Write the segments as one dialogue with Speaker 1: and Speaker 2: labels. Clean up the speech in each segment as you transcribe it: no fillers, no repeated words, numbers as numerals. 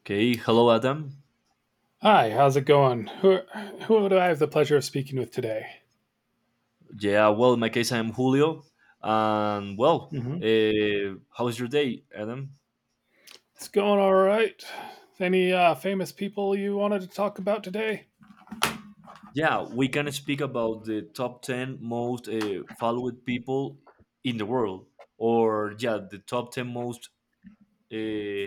Speaker 1: Okay, hello, Adam.
Speaker 2: Hi, how's it going? Who do I have the pleasure of speaking with today?
Speaker 1: Yeah, well, in my case, I'm Julio. And well,
Speaker 2: hmm
Speaker 1: how's your day, Adam?
Speaker 2: It's going all right. Any famous people you wanted to talk about today?
Speaker 1: Yeah, we can speak about the top 10 most followed people in the world, or yeah, the top 10 most uh,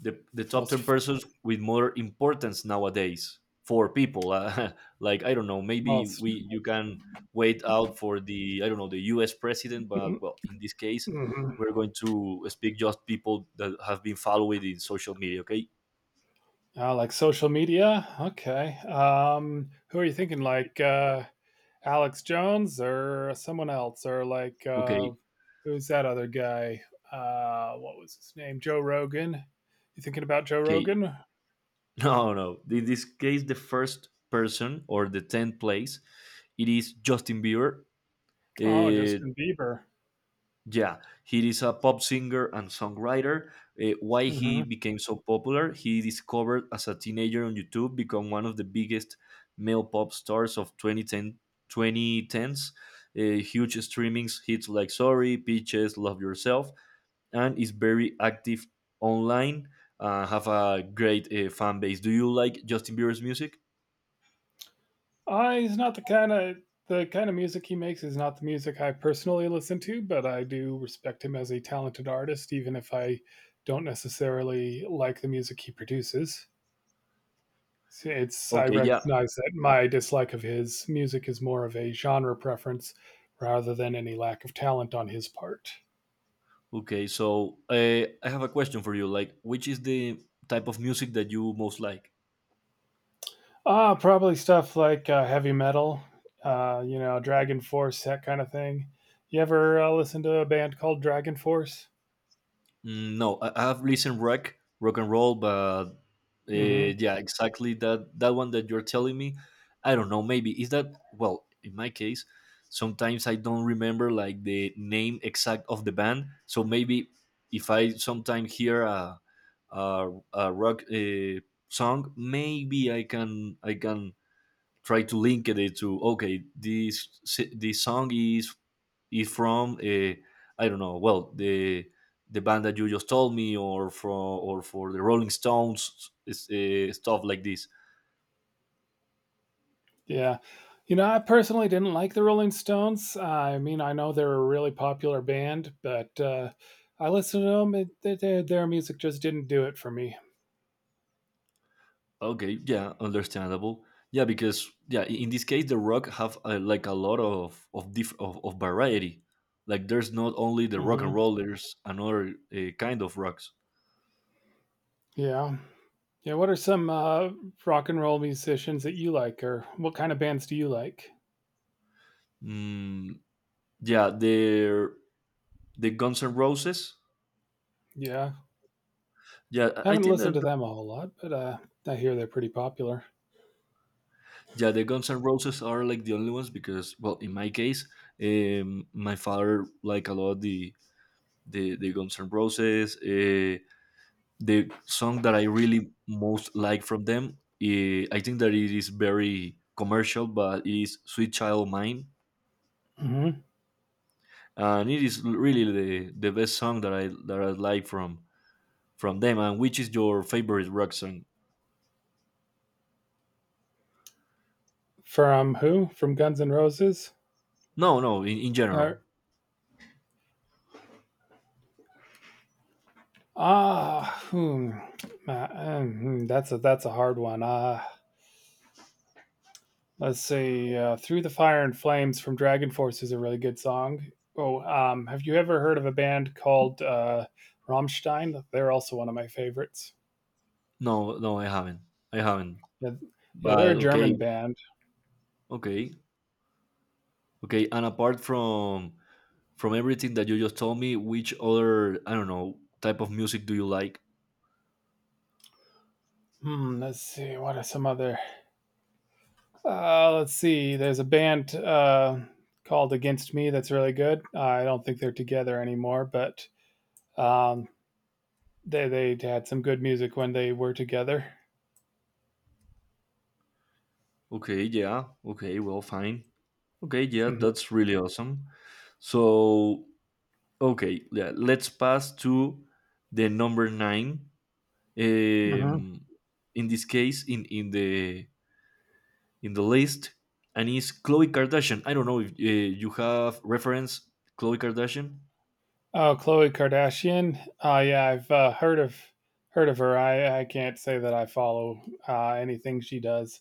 Speaker 1: the top 10
Speaker 2: Most
Speaker 1: persons with more importance nowadays for people like I don't know, maybe
Speaker 2: most
Speaker 1: we you can wait out for the, I don't know, the US president, but well, in this case,
Speaker 2: mhm.
Speaker 1: we're going to speak just people that have been following in social media. Okay.
Speaker 2: Like social media. Okay. Who are you thinking? Like Alex Jones or someone else, or like
Speaker 1: Okay.
Speaker 2: who's that other guy? What was his name? Joe Rogan. You thinking about Joe
Speaker 1: Okay.
Speaker 2: Rogan?
Speaker 1: No, no, in this case, the first person or the 10th place, it is Justin Bieber.
Speaker 2: Oh,
Speaker 1: Uh,
Speaker 2: Justin Bieber.
Speaker 1: Yeah, he is a pop singer and songwriter. Why he
Speaker 2: Mm-hmm.
Speaker 1: became so popular? He discovered as a teenager on YouTube, become one of the biggest male pop stars of 2010 2010s. Huge streamings hits like Sorry, Peaches, Love Yourself, and is very active online. Have a great fan base. Do you like Justin Bieber's music?
Speaker 2: He's not the kind of music he makes is not the music I personally listen to, but I do respect him as a talented artist, even if I don't necessarily like the music he produces. It's I
Speaker 1: Okay, yeah.
Speaker 2: recognize that my dislike of his music is more of a genre preference rather than any lack of talent on his part.
Speaker 1: Okay, so I have a question for you. Like, which is the type of music that you most like?
Speaker 2: Ah, probably stuff like heavy metal, you know, Dragon Force, that kind of thing. You ever listen to a band called Dragon Force?
Speaker 1: Mm, no, I have listened rock, rock and roll, but
Speaker 2: Mm-hmm.
Speaker 1: yeah, exactly that one that you're telling me. I don't know. Maybe is that well? In my case, sometimes I don't remember like the name exact of the band. So maybe if I sometime hear a rock song, maybe I can try to link it to, okay, this song is if from, I don't know, well, the band that you just told me, or from, or for the Rolling Stones. It's, stuff like this.
Speaker 2: Yeah. You know, I personally didn't like the Rolling Stones. I mean, I know they're a really popular band, but, I listened to them, it their music just didn't do it for me.
Speaker 1: Okay, yeah, understandable. Yeah, because yeah, in this case, the rock have like a lot of of variety. Like, there's not only the rock and
Speaker 2: Mhm.
Speaker 1: roll. There's another kind of rocks.
Speaker 2: Yeah. Yeah, what are some, rock and roll musicians that you like, or what kind of bands do you like?
Speaker 1: Mm, yeah, the Guns N' Roses.
Speaker 2: Yeah.
Speaker 1: Yeah,
Speaker 2: I
Speaker 1: I
Speaker 2: haven't
Speaker 1: think
Speaker 2: listened to
Speaker 1: that
Speaker 2: them a whole lot, but, I hear they're pretty popular.
Speaker 1: Yeah, the Guns N' Roses are like the only ones because, well, in my case, my father like a lot the Guns N' Roses. The song that I really most like from them, I think that it is very commercial, but it is "Sweet Child of Mine,"
Speaker 2: Mhm.
Speaker 1: and it is really the best song that I like from them. And which is your favorite rock song?
Speaker 2: From who? From Guns N' Roses?
Speaker 1: No, no, in general.
Speaker 2: Or ah, hmm, hmm, that's a hard one. Let's see. Through the Fire and Flames from Dragon Force is a really good song. Oh, have you ever heard of a band called Rammstein? They're also one of my favorites.
Speaker 1: No, no, I haven't, I haven't.
Speaker 2: Yeah, yeah, they're
Speaker 1: But
Speaker 2: a
Speaker 1: okay,
Speaker 2: German band.
Speaker 1: okay. Okay, and apart from, everything that you just told me, which other, I don't know, type of music do you like?
Speaker 2: Hmm, let's see. What are some other? Let's see. There's a band called Against Me that's really good. I don't think they're together anymore, but um, they they had some good music when they were together.
Speaker 1: Okay, yeah. Okay, well, fine. Okay, yeah, that's really awesome. So, okay, yeah, let's pass to the number nine.
Speaker 2: hmm
Speaker 1: Um, in this case, in the list, and is Khloe Kardashian. I don't know if you have reference Khloe Kardashian.
Speaker 2: Oh, Khloe Kardashian. Oh, yeah, I've heard of her. I can't say that I follow anything she does.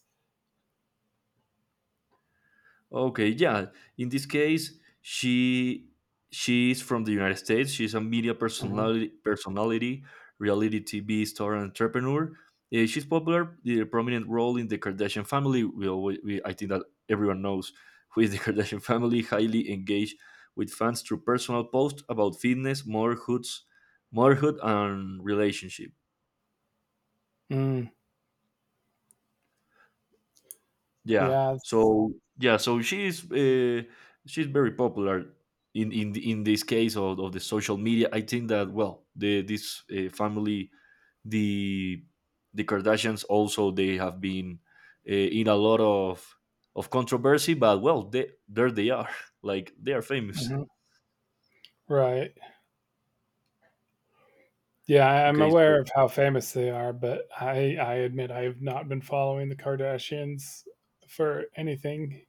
Speaker 1: Okay, yeah. In this case, she she is from the United States. She's a media
Speaker 2: Mhm.
Speaker 1: personality, reality TV star, and entrepreneur. She's popular, the prominent role in the Kardashian family. We, always, we I think that everyone knows who is the Kardashian family. Highly engaged with fans through personal posts about fitness, motherhood, and relationship.
Speaker 2: Mm,
Speaker 1: Yeah.
Speaker 2: yeah, it's-
Speaker 1: So yeah. So she's very popular in this case of the social media. I think that, well, the this family, the the Kardashians also they have been in a lot of controversy, but well, they there they are. Like they are famous.
Speaker 2: mhm, right. Yeah, I'm
Speaker 1: Okay. So
Speaker 2: aware of how famous they are, but I admit I have not been following the Kardashians for anything.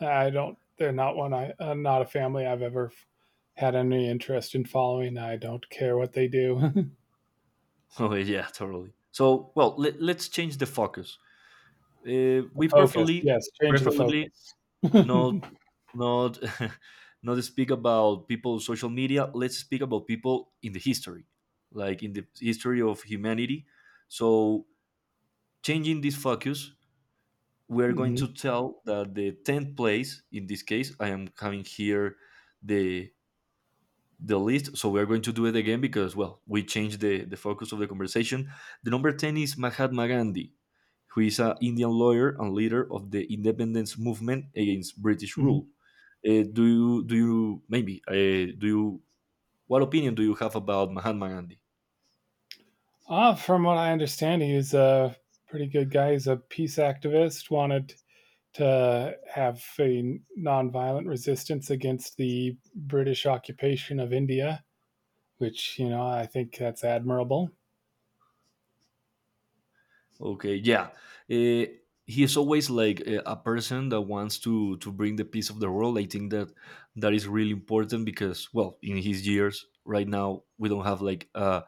Speaker 2: I don't. They're not one. I not a family I've ever had any interest in following. I don't care what they do.
Speaker 1: oh, yeah, totally. So, well, let's change the focus.
Speaker 2: The
Speaker 1: We
Speaker 2: focus.
Speaker 1: preferably,
Speaker 2: Yes, change the
Speaker 1: preferably
Speaker 2: focus.
Speaker 1: not, not not speak about people social media. Let's speak about people in the history, like in the history of humanity. So changing this focus, we're going
Speaker 2: mhm.
Speaker 1: to tell that the 10th place in this case I am having here the the list, so we're going to do it again, because, well, we changed the focus of the conversation. The number 10 is Mahatma Gandhi, who is an Indian lawyer and leader of the independence movement against British rule. Do you, maybe, do you what opinion do you have about Mahatma Gandhi?
Speaker 2: Ah, from what I understand, he's a pretty good guy. He's a peace activist, wanted to have a nonviolent resistance against the British occupation of India, which, you know, I think that's admirable.
Speaker 1: Okay, yeah. Uh, he is always like a person that wants to bring the peace of the world. I think that that is really important because, well, in his years right now, we don't have like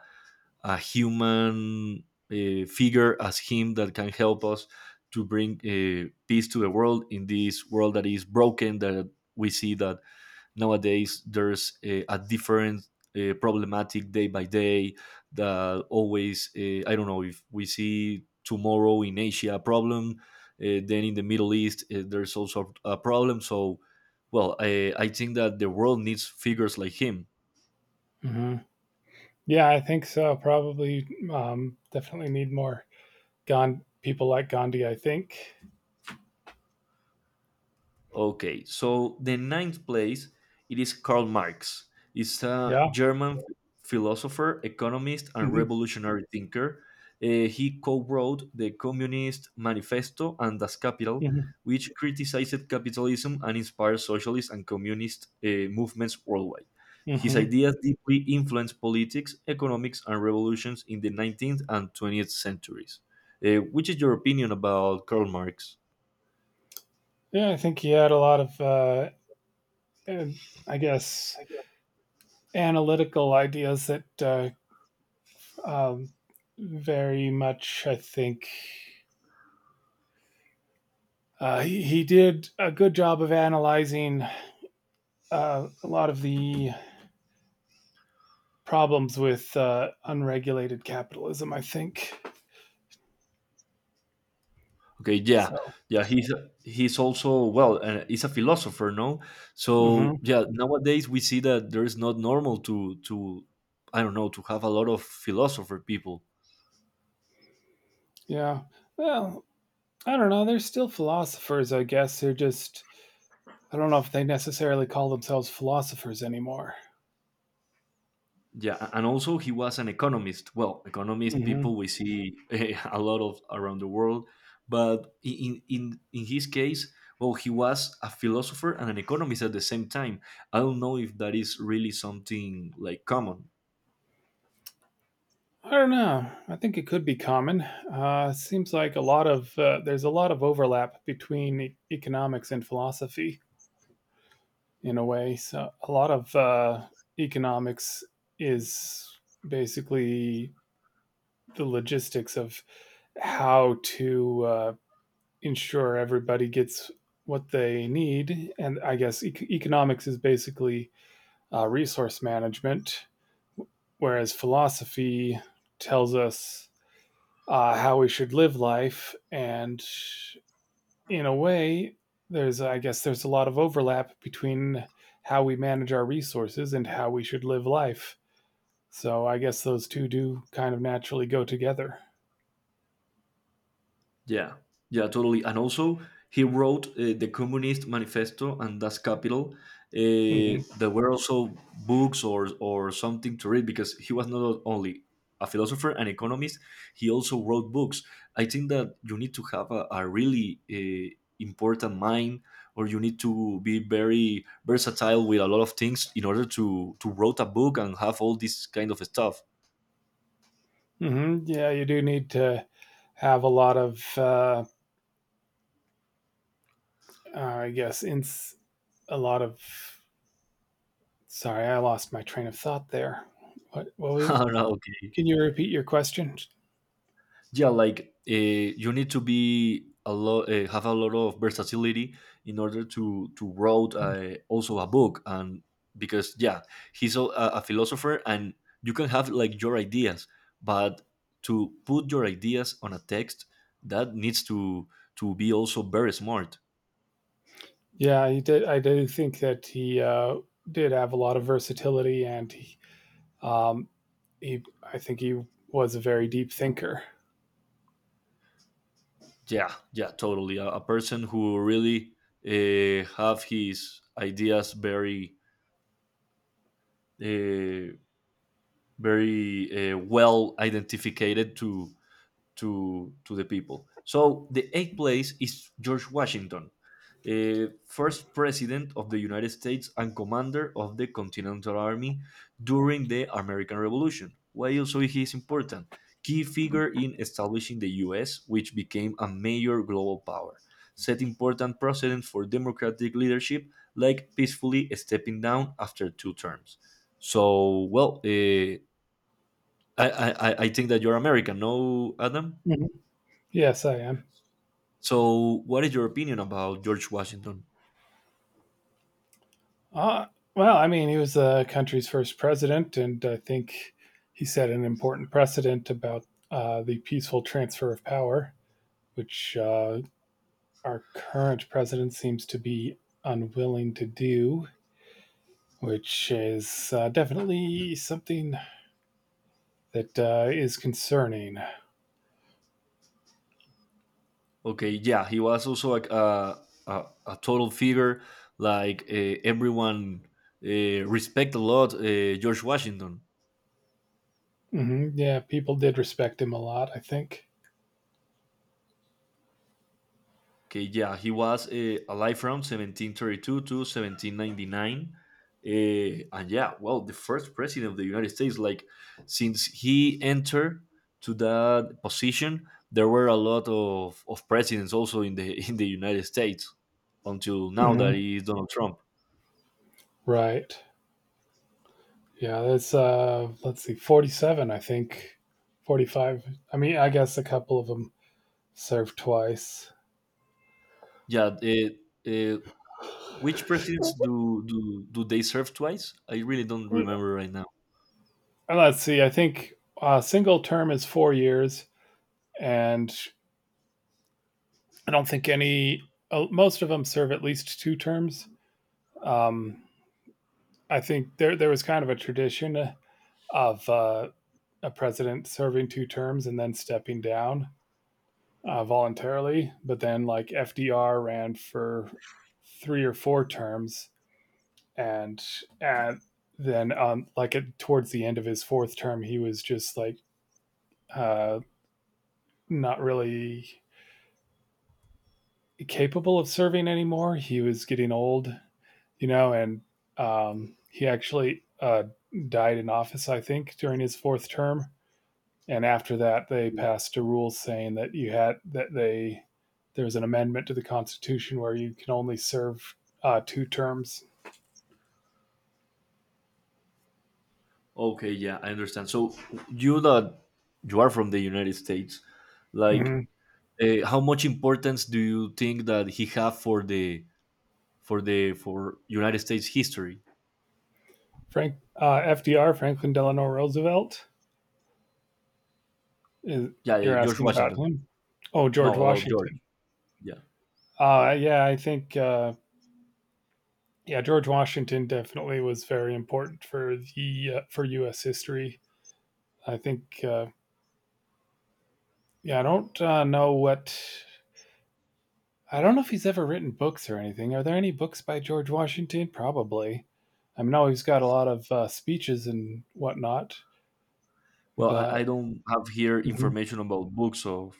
Speaker 1: a human figure as him that can help us to bring peace to the world, in this world that is broken, that we see that nowadays there's a different problematic day by day. That Always, I don't know, if we see tomorrow in Asia a problem, then in the Middle East, there's also a problem. So, well, I think that the world needs figures like him.
Speaker 2: Mm-hmm. Yeah, I think so. Probably, definitely need more Gandhi, people like Gandhi, I think.
Speaker 1: Okay, so the ninth place, it is Karl Marx. He's a
Speaker 2: Yeah.
Speaker 1: German philosopher, economist, and
Speaker 2: Mm-hmm.
Speaker 1: revolutionary thinker. He co-wrote the Communist Manifesto and Das Kapital,
Speaker 2: Mm-hmm.
Speaker 1: which criticized capitalism and inspired socialist and communist movements worldwide. His
Speaker 2: Mm-hmm.
Speaker 1: ideas deeply influenced politics, economics, and revolutions in the 19th and 20th centuries. Which is your opinion about Karl Marx?
Speaker 2: Yeah, I think he had a lot of, I guess, analytical ideas that Um, very much, I think he did a good job of analyzing a lot of the problems with unregulated capitalism. I think
Speaker 1: Okay, yeah,
Speaker 2: so.
Speaker 1: yeah. He's also, well, he's a philosopher, no? So
Speaker 2: hmm
Speaker 1: yeah, nowadays we see that there is not normal to I don't know, to have a lot of philosopher people.
Speaker 2: Yeah. Well, I don't know. They're still philosophers, I guess. They're just I don't know if they necessarily call themselves philosophers anymore.
Speaker 1: Yeah, and also he was an economist. Well, economist
Speaker 2: hmm
Speaker 1: people we see a lot of around the world, but in his case, well, he was a philosopher and an economist at the same time. I don't know if that is really something like common.
Speaker 2: I don't know. I think it could be common. Seems like a lot of there's a lot of overlap between economics and philosophy. In a way. So a lot of economics is basically the logistics of how to ensure everybody gets what they need. And I guess economics is basically resource management, whereas philosophy tells us how we should live life and in a way, there's I guess there's a lot of overlap between how we manage our resources and how we should live life. So I guess those two do kind of naturally go together.
Speaker 1: Yeah, yeah, totally. And also, he wrote the Communist Manifesto and Das Kapital.
Speaker 2: hmm
Speaker 1: There were also books, or something to read, because he was not only a philosopher and economist. He also wrote books. I think that you need to have a really important mind, or you need to be very versatile with a lot of things in order to wrote a book and have all this kind of stuff.
Speaker 2: Yeah, you do need to have a lot of, I guess, ins a lot of. Sorry, I lost my train of thought there. What was it?
Speaker 1: Ah, okay.
Speaker 2: Can you repeat your question?
Speaker 1: Yeah, like, you need to be a lot, have a lot of versatility in order to wrote, also, a book. And because, yeah, he's a philosopher, and you can have like your ideas, but to put your ideas on a text, that needs to be also very smart.
Speaker 2: Yeah, he did. I do think that he did have a lot of versatility, and um, I think he was a very deep thinker.
Speaker 1: Yeah, yeah, totally. A person who really, have his ideas very, uh, well identified to the people. So the eighth place is George Washington, first president of the United States and commander of the Continental Army during the American Revolution. Why also he is important? Key figure in establishing the U.S., which became a major global power, set important precedent for democratic leadership, like peacefully stepping down after two terms. So, well, I think that you're American, no, Adam?
Speaker 2: Mhm. Yes, I am.
Speaker 1: So, what is your opinion about George Washington?
Speaker 2: Uh, well, I mean, he was the country's first president, and I think he set an important precedent about the peaceful transfer of power, which our current president seems to be unwilling to do, which is definitely something that is concerning.
Speaker 1: Okay, yeah, he was also like a total figure. Like, everyone respect a lot, George Washington.
Speaker 2: Yeah, people did respect him a lot, I think.
Speaker 1: Okay, yeah, he was, alive from 1732 to 1799. Uh, and yeah, well, the first president of the United States, like since he entered to that position, there were a lot of presidents also in the in the United States, until now that
Speaker 2: hmm
Speaker 1: is Donald Trump.
Speaker 2: Right. Yeah, that's let's see, 47 I think. 45. I mean, I guess a couple of them served twice.
Speaker 1: Yeah, uh, which presidents do they serve twice? I really don't remember right now.
Speaker 2: Let's see. I think a single term is 4 years and I don't think any most of them serve at least two terms. Um I think there was kind of a tradition of a president serving two terms and then stepping down voluntarily, but then like FDR ran for three or four terms and and then like towards the end of his fourth term he was just like uh not really capable of serving anymore. He was getting old, you know. And he actually died in office, I think, during his fourth term, and after that they passed a rule saying that you had that they there was an amendment to the constitution where you can only serve two terms.
Speaker 1: Okay, yeah, I understand. So you that you are from the United States, like,
Speaker 2: Mm-hmm.
Speaker 1: how much importance do you think that he have for the, for United States history?
Speaker 2: Franklin Delano Roosevelt. Is,
Speaker 1: Yeah,
Speaker 2: you're
Speaker 1: George
Speaker 2: asking about
Speaker 1: Washington.
Speaker 2: him? Oh, George
Speaker 1: No, about George.
Speaker 2: Washington.
Speaker 1: Yeah.
Speaker 2: Yeah, I think yeah, George Washington definitely was very important for the for U.S. history. I think yeah, I don't know what. I don't know if he's ever written books or anything. Are there any books by George Washington? Probably. I know he's got a lot of speeches and whatnot,
Speaker 1: Well, I
Speaker 2: but
Speaker 1: don't have here
Speaker 2: Mhm.
Speaker 1: information about books of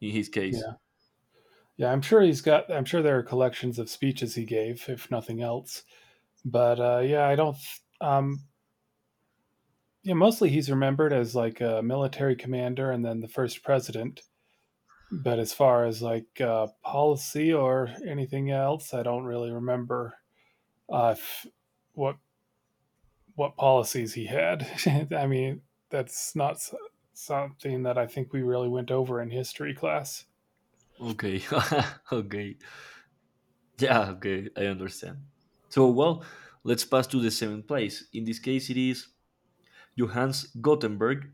Speaker 1: in his case.
Speaker 2: yeah, yeah, I'm sure he's got. I'm sure there are collections of speeches he gave, if nothing else. But yeah, I don't. Yeah, mostly he's remembered as like a military commander and then the first president. But as far as like policy or anything else, I don't really remember if, what what policies he had. I mean, that's not something that I think we really went over in history class.
Speaker 1: Okay. Okay. Yeah, okay, I understand. So, well, let's pass to the seventh place. In this case, it is Johannes Gutenberg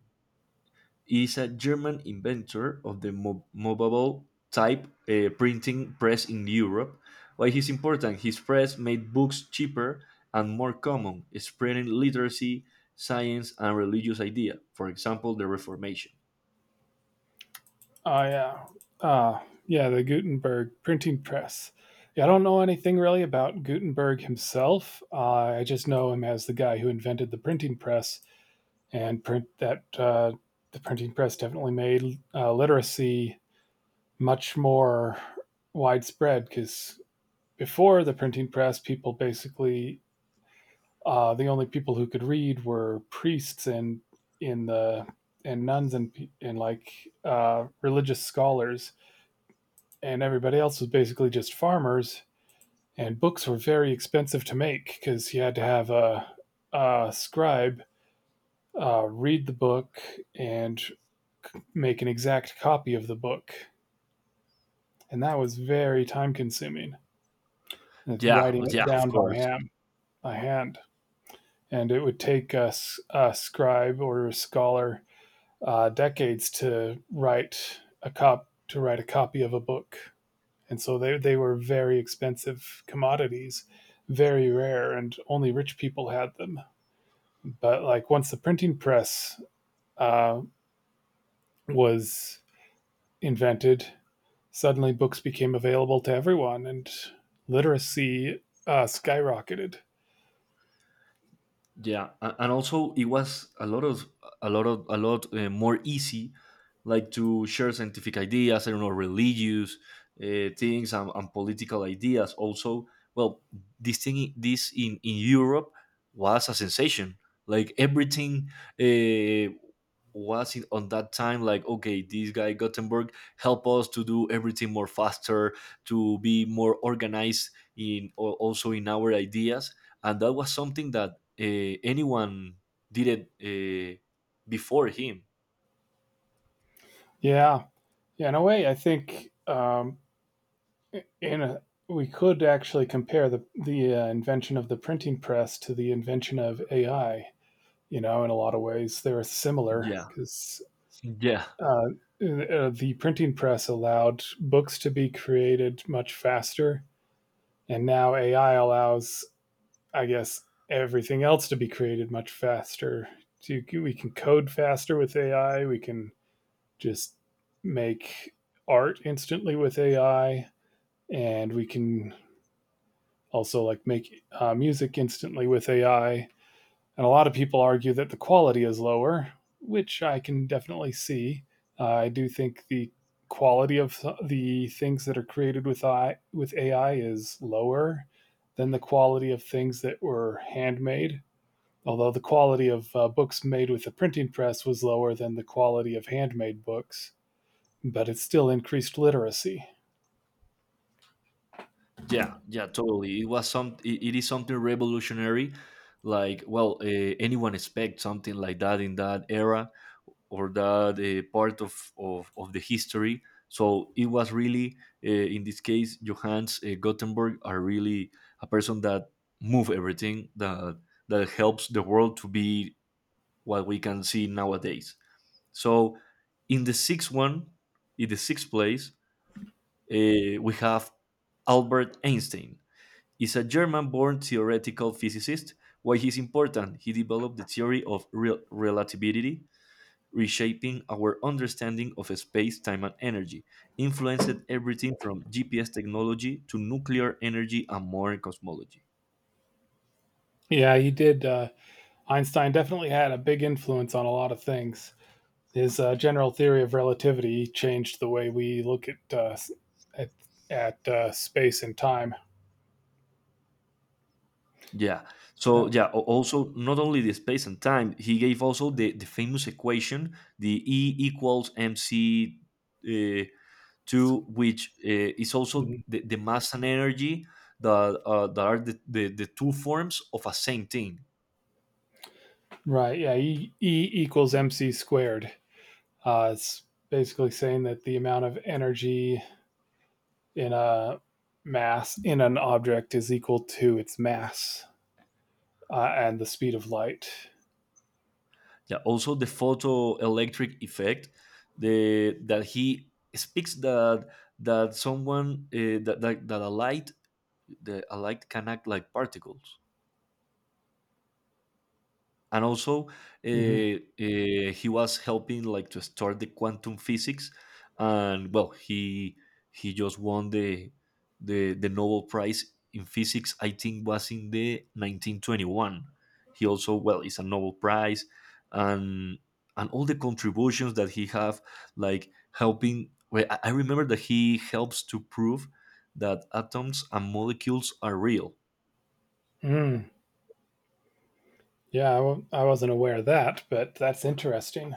Speaker 1: is a German inventor of the movable type printing press in Europe. Why he's important? His press made books cheaper and more common, spreading literacy, science, and religious idea. For example, the Reformation.
Speaker 2: Oh yeah, uh, yeah, the Gutenberg printing press. Yeah, I don't know anything really about Gutenberg himself. I just know him as the guy who invented the printing press and print that the printing press definitely made literacy much more widespread because before the printing press, people basically the only people who could read were priests and in the and nuns and like religious scholars, and everybody else was basically just farmers. And books were very expensive to make because you had to have a scribe read the book and make an exact copy of the book, and that was very time consuming.
Speaker 1: Yeah,
Speaker 2: Writing it
Speaker 1: yeah, of
Speaker 2: down by
Speaker 1: course.
Speaker 2: hand, and it would take us a scribe or a scholar decades to write a copy of a book, and so they were very expensive commodities, very rare, and only rich people had them. But like once the printing press uh, was invented, suddenly books became available to everyone and literacy skyrocketed.
Speaker 1: Yeah, and also it was a lot of, a lot more easy, like to share scientific ideas, I don't know, religious things, and political ideas also. Well, this thing, I- this in, Europe, was a sensation. Like everything, uh, was it on that time, like, okay, this guy Gothenburg help us to do everything more faster, to be more organized in, or also in, our ideas. And that was something that, anyone did it, before him.
Speaker 2: Yeah, yeah. In a way, I think in a, we could actually compare the invention of the printing press to the invention of AI. You know, in a lot of ways, they're similar
Speaker 1: Yeah,
Speaker 2: because
Speaker 1: yeah,
Speaker 2: the printing press allowed books to be created much faster, and now AI allows, I guess, everything else to be created much faster. We can code faster with AI. We can just make art instantly with AI, and we can also like make music instantly with AI. And a lot of people argue that the quality is lower, which I can definitely see. I do think the quality of the things that are created with AI is lower than the quality of things that were handmade, although the quality of books made with the printing press was lower than the quality of handmade books, but it still increased literacy.
Speaker 1: yeah, yeah, totally. It was some. It is something revolutionary. Like, well, anyone expect something like that in that era or that part of the history. So it was really, in this case, Johannes Gutenberg are really a person that move everything that that helps the world to be what we can see nowadays. So, in the sixth one, in the sixth place, we have Albert Einstein is a German born theoretical physicist. Why he's important? He developed the theory of real relativity, reshaping our understanding of space, time, and energy, influenced everything from GPS technology to nuclear energy and modern cosmology.
Speaker 2: Yeah, he did. Einstein definitely had a big influence on a lot of things. His general theory of relativity changed the way we look at, at space and time.
Speaker 1: Yeah. So
Speaker 2: So,
Speaker 1: yeah, also not only the space and time, he gave also the famous equation, the E equals MC uh, Two, which is also
Speaker 2: mhm.
Speaker 1: the mass and energy that, that are the two forms of a same thing.
Speaker 2: Right, yeah, e equals mc squared. It's basically saying that the amount of energy in a mass in an object is equal to its mass and the speed of light.
Speaker 1: Yeah, also the photoelectric effect the, that he speaks that that someone that, that a light the a light can act like particles and also
Speaker 2: Mm-hmm.
Speaker 1: he was helping like to start the quantum physics and well he just won the nobel prize in physics I think was in the 1921. He also well is a nobel prize and and all the contributions that he have like helping well, I remember that he helps to prove that atoms and molecules are real.
Speaker 2: Mm. Yeah, I wasn't aware of that, but that's interesting.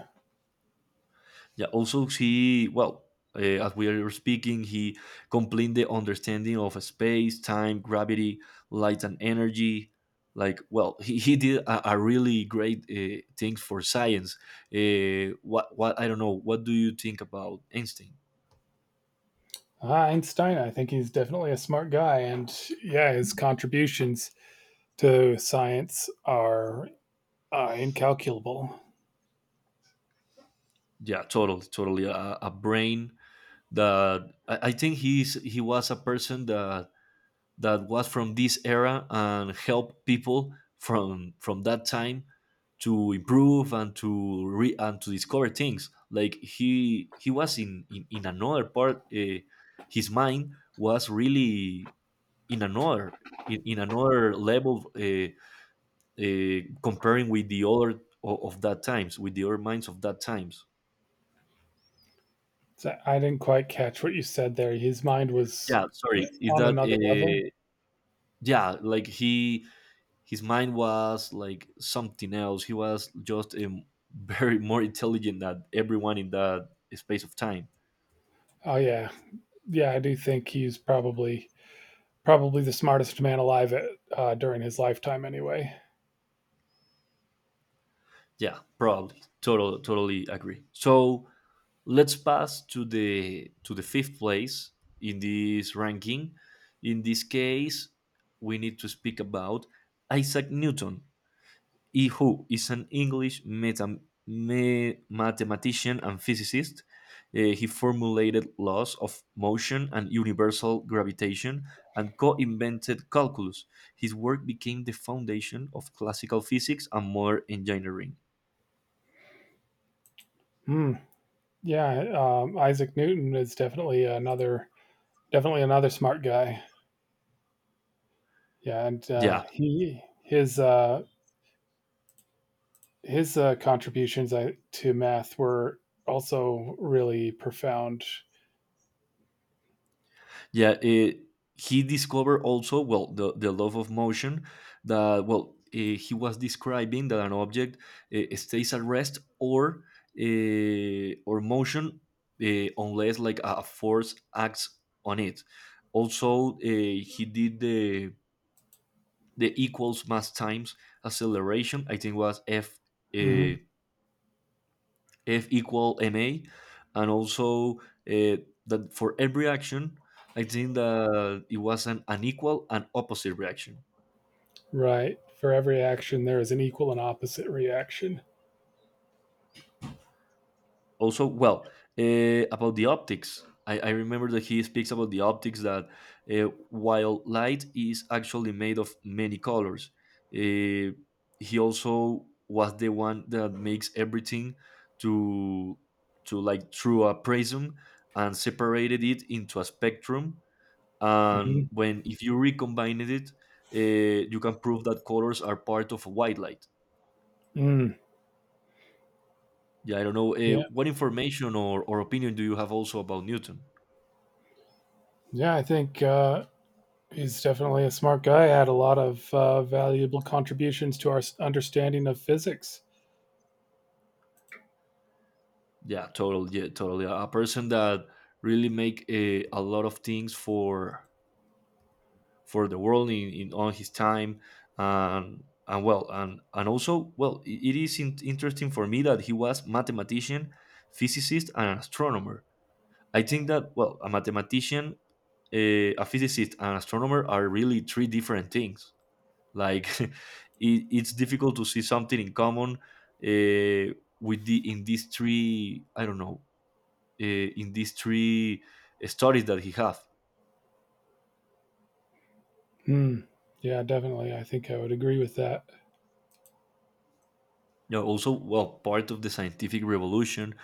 Speaker 1: Yeah. Also, he well, as we are speaking, he complete the understanding of space, time, gravity, light, and energy. Like, well, he did a really great things for science. What I don't know. What do you think about Einstein?
Speaker 2: Ah, Einstein, I think he's definitely a smart guy, and yeah, his contributions to science are incalculable.
Speaker 1: Yeah, totally, totally. A brain that I think he's he was a person that that was from this era and help people from that time to improve and to re and to discover things like he he was in another part his mind was really in another in another level comparing with the other of that times with the other minds of that times.
Speaker 2: So I didn't quite catch what you said there. His mind was
Speaker 1: Yeah, sorry, is
Speaker 2: on
Speaker 1: that
Speaker 2: another level.
Speaker 1: yeah like he his mind was like something else. He was just very more intelligent than everyone in that space of time.
Speaker 2: Oh yeah, yeah, I do think he's probably the smartest man alive at, during his lifetime, anyway.
Speaker 1: Yeah, probably. Totally agree. So let's pass to the fifth place in this ranking. In this case, we need to speak about Isaac Newton. Yi Hu is an English mathematician and physicist. He formulated laws of motion and universal gravitation and co invented calculus. His work became the foundation of classical physics and modern engineering.
Speaker 2: Hmm. Yeah, Isaac Newton is definitely another smart guy. Yeah, and
Speaker 1: Yeah.
Speaker 2: he his contributions to math were also really profound.
Speaker 1: Yeah, he discovered also well the love of motion that well he was describing that an object stays at rest or or motion unless like a force acts on it. Also, he did the equals mass times acceleration. I think was F. eh,
Speaker 2: Mhm.
Speaker 1: F equal ma, and also uh, that for every action, I think that it was an unequal and opposite reaction.
Speaker 2: Right. For every action, there is an equal and opposite reaction.
Speaker 1: Also, well, about the optics, I remember that he speaks about the optics that while light is actually made of many colors, uh, he also was the one that makes everything to to like through a prism and separated it into a spectrum
Speaker 2: Mm-hmm.
Speaker 1: and when if you recombine it you can prove that colors are part of white light.
Speaker 2: Mm.
Speaker 1: Yeah, I don't know
Speaker 2: Yeah.
Speaker 1: what information or opinion do you have also about newton.
Speaker 2: Yeah. I think he's definitely a smart guy. Had a lot of valuable contributions to our understanding of physics.
Speaker 1: Yeah, totally. Yeah, totally. A person that really make a lot of things for the world in on his time and also well it is interesting for me that he was mathematician physicist and astronomer. I think that well a mathematician a physicist and astronomer are really three different things. Like it, it's difficult to see something in common with the in these three. I don't know in these three studies that he have.
Speaker 2: Hmm. Yeah, definitely. I think I would agree with that.
Speaker 1: You know, also, well, part of the scientific revolution,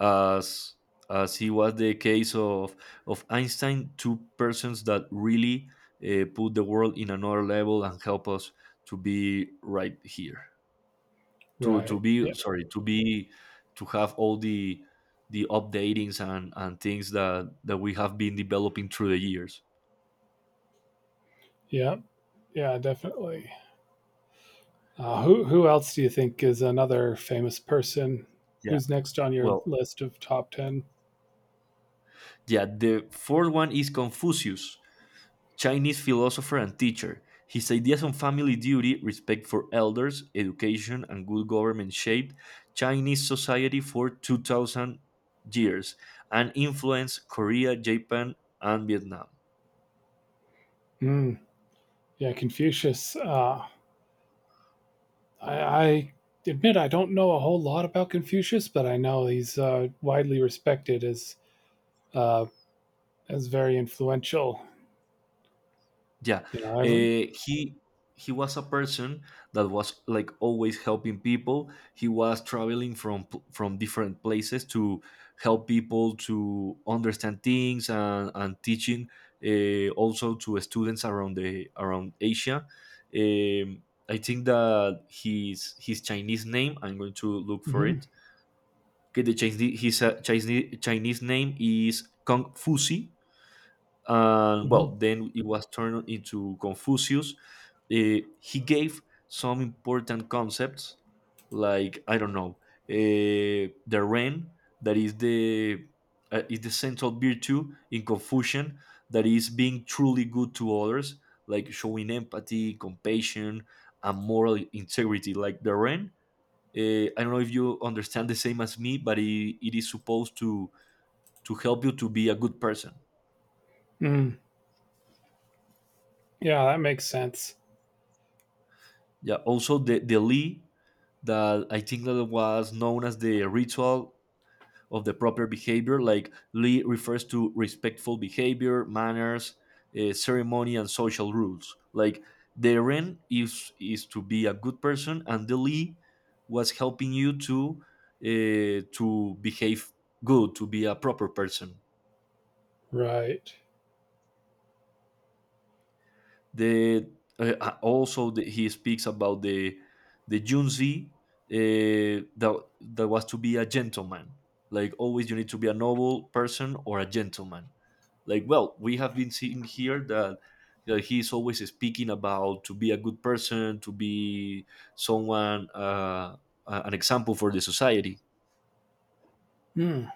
Speaker 1: as as he was the case of Einstein, two persons that really put the world in another level and help us to be right here. To
Speaker 2: Right.
Speaker 1: be
Speaker 2: Yeah.
Speaker 1: Sorry to be to have all the updatings and things that that we have been developing through the years.
Speaker 2: Yeah. Yeah. Definitely. Who else do you think is another famous person?
Speaker 1: Yeah,
Speaker 2: Who's next on your
Speaker 1: well,
Speaker 2: list of top ten?
Speaker 1: yeah, the fourth one is confucius chinese philosopher and teacher. His ideas on family duty respect for elders education and good government shaped chinese society for 2,000 years and influenced korea japan and vietnam.
Speaker 2: Mm, yeah, Confucius. I admit I don't know a whole lot about Confucius, but I know he's widely respected uh, as very influential.
Speaker 1: Yeah,
Speaker 2: You know, every,
Speaker 1: uh, he he was a person that was like always helping people. He was traveling from different places to help people to understand things and teaching also to students around the around Asia. Um, I think that his Chinese name. I'm going to look for it.
Speaker 2: hmm
Speaker 1: Okay, the Chinese his Chinese Chinese name is Kong Fusi and well
Speaker 2: hmm
Speaker 1: then it was turned into confucius. He gave some important concepts like I don't know the ren that is the central virtue in confucian that is being truly good to others like showing empathy compassion and moral integrity like the ren. I don't know if you understand the same as me but it is supposed to help you to be a good person.
Speaker 2: mm, yeah, that makes sense,
Speaker 1: Yeah, also the li that I think that was known as the ritual of the proper behavior. Like li refers to respectful behavior, manners, ceremony, and social rules. Like the Ren is to be a good person, and the li was helping you to behave good, to be a proper person.
Speaker 2: right?
Speaker 1: The Also the, he speaks about the Junzi that that was to be a gentleman. Like always, you need to be a noble person or a gentleman. Like well, we have been seeing here that. That he is always speaking about to be a good person, to be someone, an example for the society.
Speaker 2: Mm,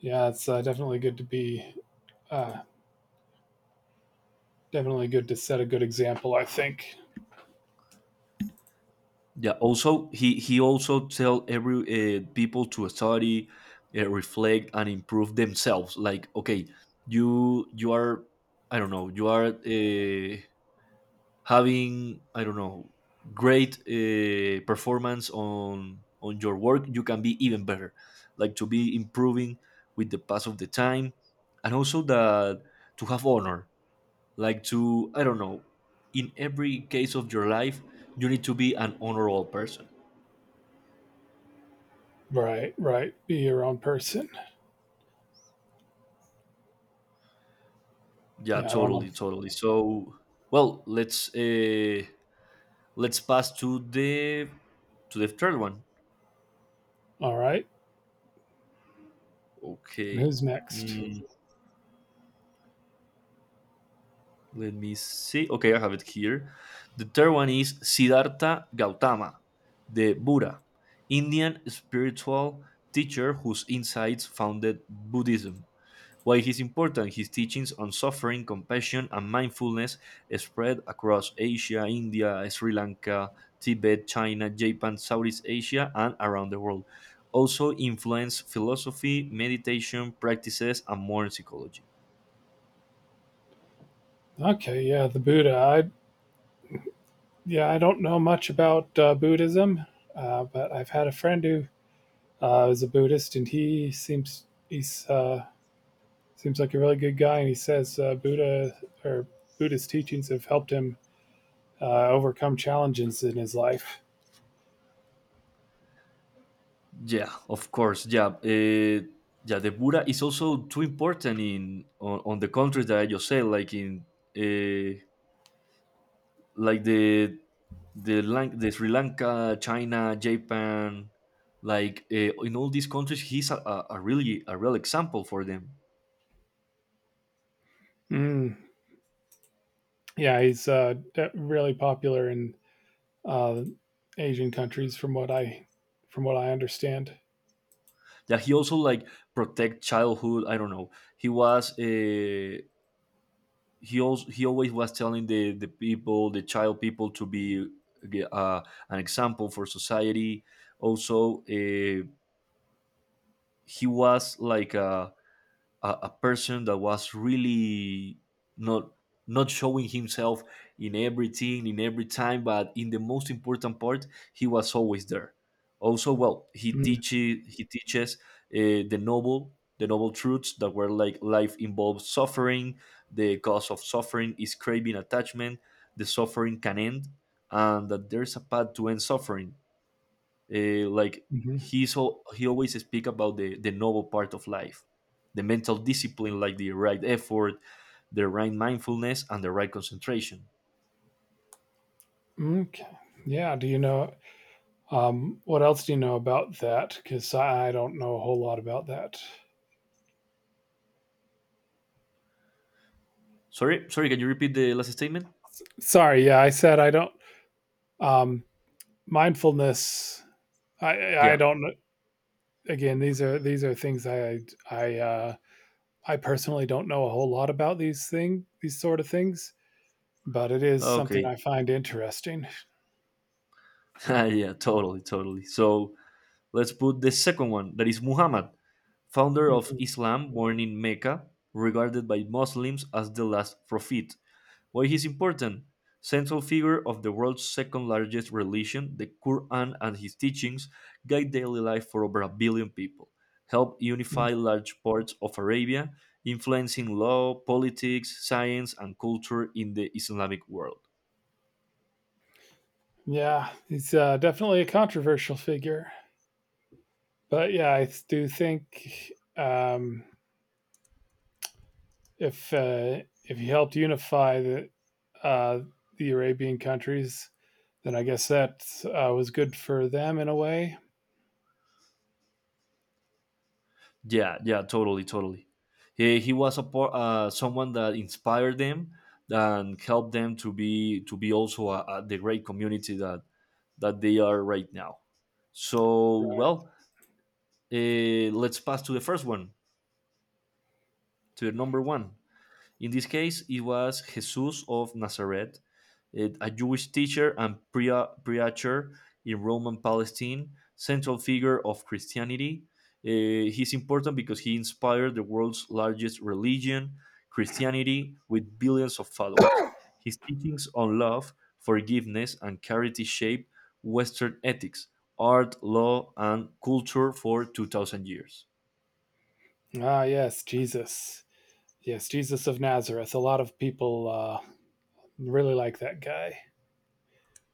Speaker 2: yeah, it's definitely good to be uh, definitely good to set a good example. I think.
Speaker 1: Yeah. Also, he also tell every people to study, reflect, and improve themselves. Like, okay, you are, I don't know, you are having, I don't know, great performance on your work. You can be even better. Like to be improving with the pass of the time, and also that to have honor. Like to, I don't know, in every case of your life, you need to be an honorable person.
Speaker 2: Right, right. Be your own person.
Speaker 1: Yeah,
Speaker 2: Yeah, I don't know.
Speaker 1: totally, totally. So, well, let's pass to the third one.
Speaker 2: All right, and
Speaker 1: Okay.
Speaker 2: who's next?
Speaker 1: Mm, let me see. Okay, I have it here. The third one is Siddhartha Gautama, the Buddha, Indian spiritual teacher whose insights founded Buddhism. Why he's important, his teachings on suffering, compassion, and mindfulness spread across Asia, India, Sri Lanka, Tibet, China, Japan, Southeast Asia, and around the world. Also influenced philosophy, meditation practices, and modern psychology.
Speaker 2: Okay, yeah, the Buddha. Yeah, I don't know much about Buddhism, but I've had a friend who is a Buddhist, and he seems like a really good guy, and he says Buddha or Buddhist teachings have helped him overcome challenges in his life.
Speaker 1: Yeah, of course. Yeah, yeah. The Buddha is also too important in on the countries that I just said, like in uh, like the the Sri Lanka, China, Japan, like in all these countries, he's a really a real example for them.
Speaker 2: Mm. Yeah, he's really popular in uh, Asian countries, from what I understand.
Speaker 1: That he also like protect childhood. I don't know. He was he also he always was telling the people, the child people, to be uh, an example for society. Also, he was like a person that was really not not showing himself in everything in every time but in the most important part he was always there. Also well he teaches uh, the noble the noble truths that were like life involves suffering, the cause of suffering is craving attachment, the suffering can end, and that there's a path to end suffering. Like
Speaker 2: Mm-hmm.
Speaker 1: he's he always speak about the noble part of life, the mental discipline, like the right effort, the right mindfulness, and the right concentration.
Speaker 2: Okay. Yeah. Do you know? What else do you know about that? Because I don't know a whole lot about that.
Speaker 1: Sorry, sorry. Can you repeat the last statement?
Speaker 2: Sorry, yeah, I said I don't. Um, mindfulness, I
Speaker 1: Yeah.
Speaker 2: don't. Kn- Again, these are things I uh, I personally don't know a whole lot about these sort of things, but it is something
Speaker 1: Okay.
Speaker 2: I find interesting.
Speaker 1: yeah. Totally. Totally. So let's put the second one. That is Muhammad, founder of Islam, born in Mecca, regarded by Muslims as the last prophet. Why he's important? Central figure of the world's second largest religion, the Quran and his teachings guide daily life for over a billion people, help
Speaker 2: Mhm.
Speaker 1: unify large parts of Arabia, influencing law, politics, science, and culture in the Islamic world.
Speaker 2: Yeah, he's definitely a controversial figure, but yeah, I do think if he helped unify uh, the Arabian countries, then I guess that was good for them in a way.
Speaker 1: Yeah, yeah, totally, totally. He, he was someone that inspired them and helped them to be also a, the great community that that they are right now. So
Speaker 2: Right.
Speaker 1: well, let's pass to the first one, to the number one. In this case, it was Jesus of Nazareth, a Jewish teacher and preacher in Rome and Palestine, central figure of Christianity. He's important because he inspired the world's largest religion, Christianity, with billions of followers. His teachings on love, forgiveness, and charity shaped Western ethics, art, law, and culture for 2,000 years.
Speaker 2: Ah, yes, Jesus. Yes, Jesus of Nazareth. A lot of people really like that guy.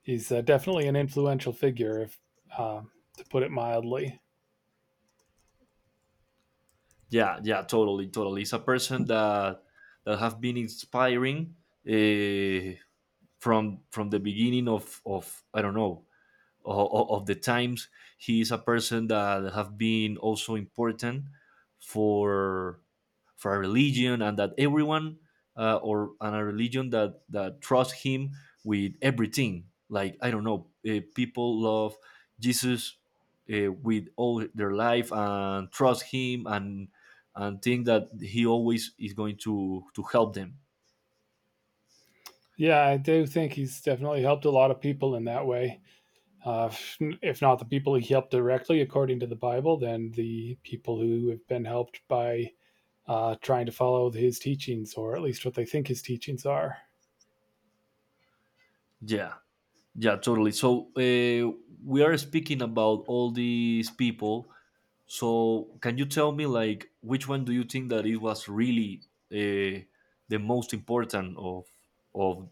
Speaker 2: He's definitely an influential figure, if um, to put it mildly.
Speaker 1: Yeah, yeah, totally, totally. It's a person that that have been inspiring uh, from the beginning of I don't know of the times. He is a person that have been also important for for a religion and that everyone or and a religion that that trusts him with everything like I don't know people love jesus with all their life and trust him and think that he always is going to help them.
Speaker 2: Yeah, I do think he's definitely helped a lot of people in that way. Uh, if- Not the people he helped directly, according to the Bible, then the people who have been helped by trying to follow his teachings, or at least what they think his teachings are.
Speaker 1: Yeah, yeah, totally. So we are speaking about all these people. So can you tell me, like, which one do you think that it was really uh, the most important of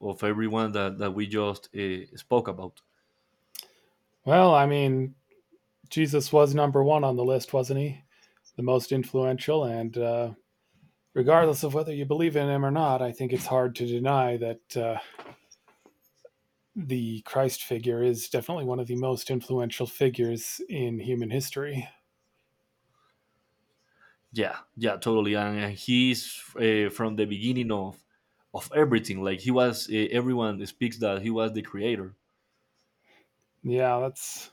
Speaker 1: of everyone that that we just spoke about?
Speaker 2: Well, I mean, Jesus was number one on the list, wasn't he? The most influential, and regardless of whether you believe in him or not, I think it's hard to deny that the Christ figure is definitely one of the most influential figures in human history.
Speaker 1: Yeah, yeah, totally. And he's from the beginning of everything. Like he was, everyone speaks that he was the creator.
Speaker 2: Yeah, that's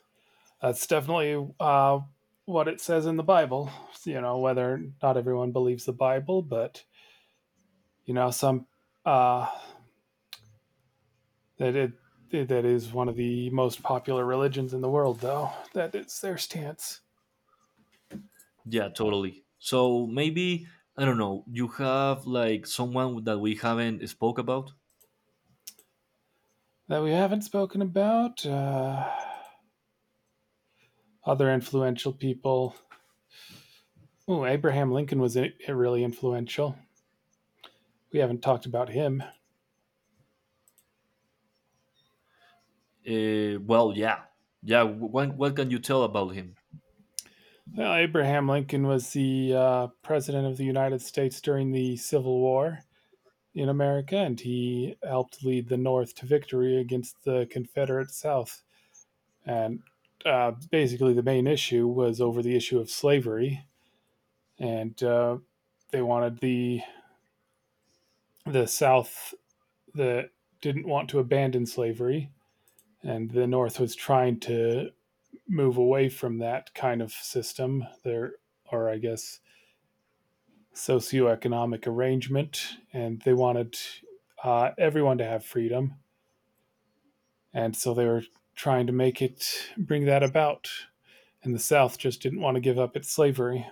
Speaker 2: that's definitely what it says in the Bible. You know, whether not everyone believes the Bible, but you know, some uh, that it that is one of the most popular religions in the world, though. That is their stance
Speaker 1: Yeah, totally. So maybe I don't know. You have like someone that we haven't spoke about.
Speaker 2: that we haven't spoken about. Other influential people. Oh, Abraham Lincoln was really influential. We haven't talked about him.
Speaker 1: Well, yeah, yeah. What can you tell about him?
Speaker 2: Well, Abraham Lincoln was the president of the United States during the Civil War in America, and he helped lead the North to victory against the Confederate South. And basically, the main issue was over the issue of slavery, and they wanted the South that didn't want to abandon slavery, and the North was trying to move away from that kind of system. There, or I guess socioeconomic arrangement, and they wanted everyone to have freedom. And so they were trying to make it bring that about. And the South just didn't want to give up its slavery.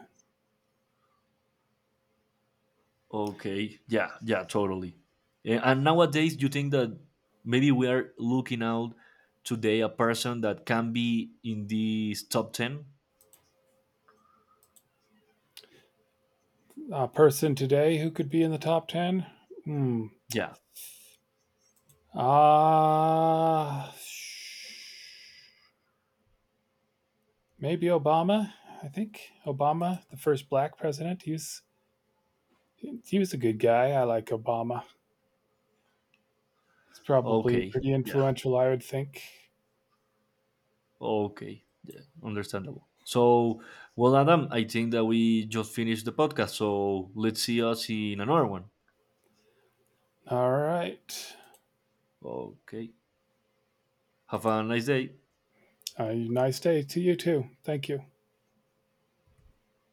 Speaker 1: Okay, yeah, yeah, totally. And nowadays, you think that maybe we are looking out today a person that can be in these top ten?
Speaker 2: A person today who could be in the top 10? Hmm.
Speaker 1: Yeah.
Speaker 2: Ah. Maybe Obama, I think. Obama, the first black president, he was a good guy. I like Obama. He's probably
Speaker 1: Okay.
Speaker 2: pretty
Speaker 1: Yeah.
Speaker 2: influential, I would think.
Speaker 1: Okay. Yeah. Understandable. So, well, Adam, I think that we just finished the podcast. So let's see us in another one.
Speaker 2: All right.
Speaker 1: Okay. Have a nice day.
Speaker 2: Nice day to you too. Thank you.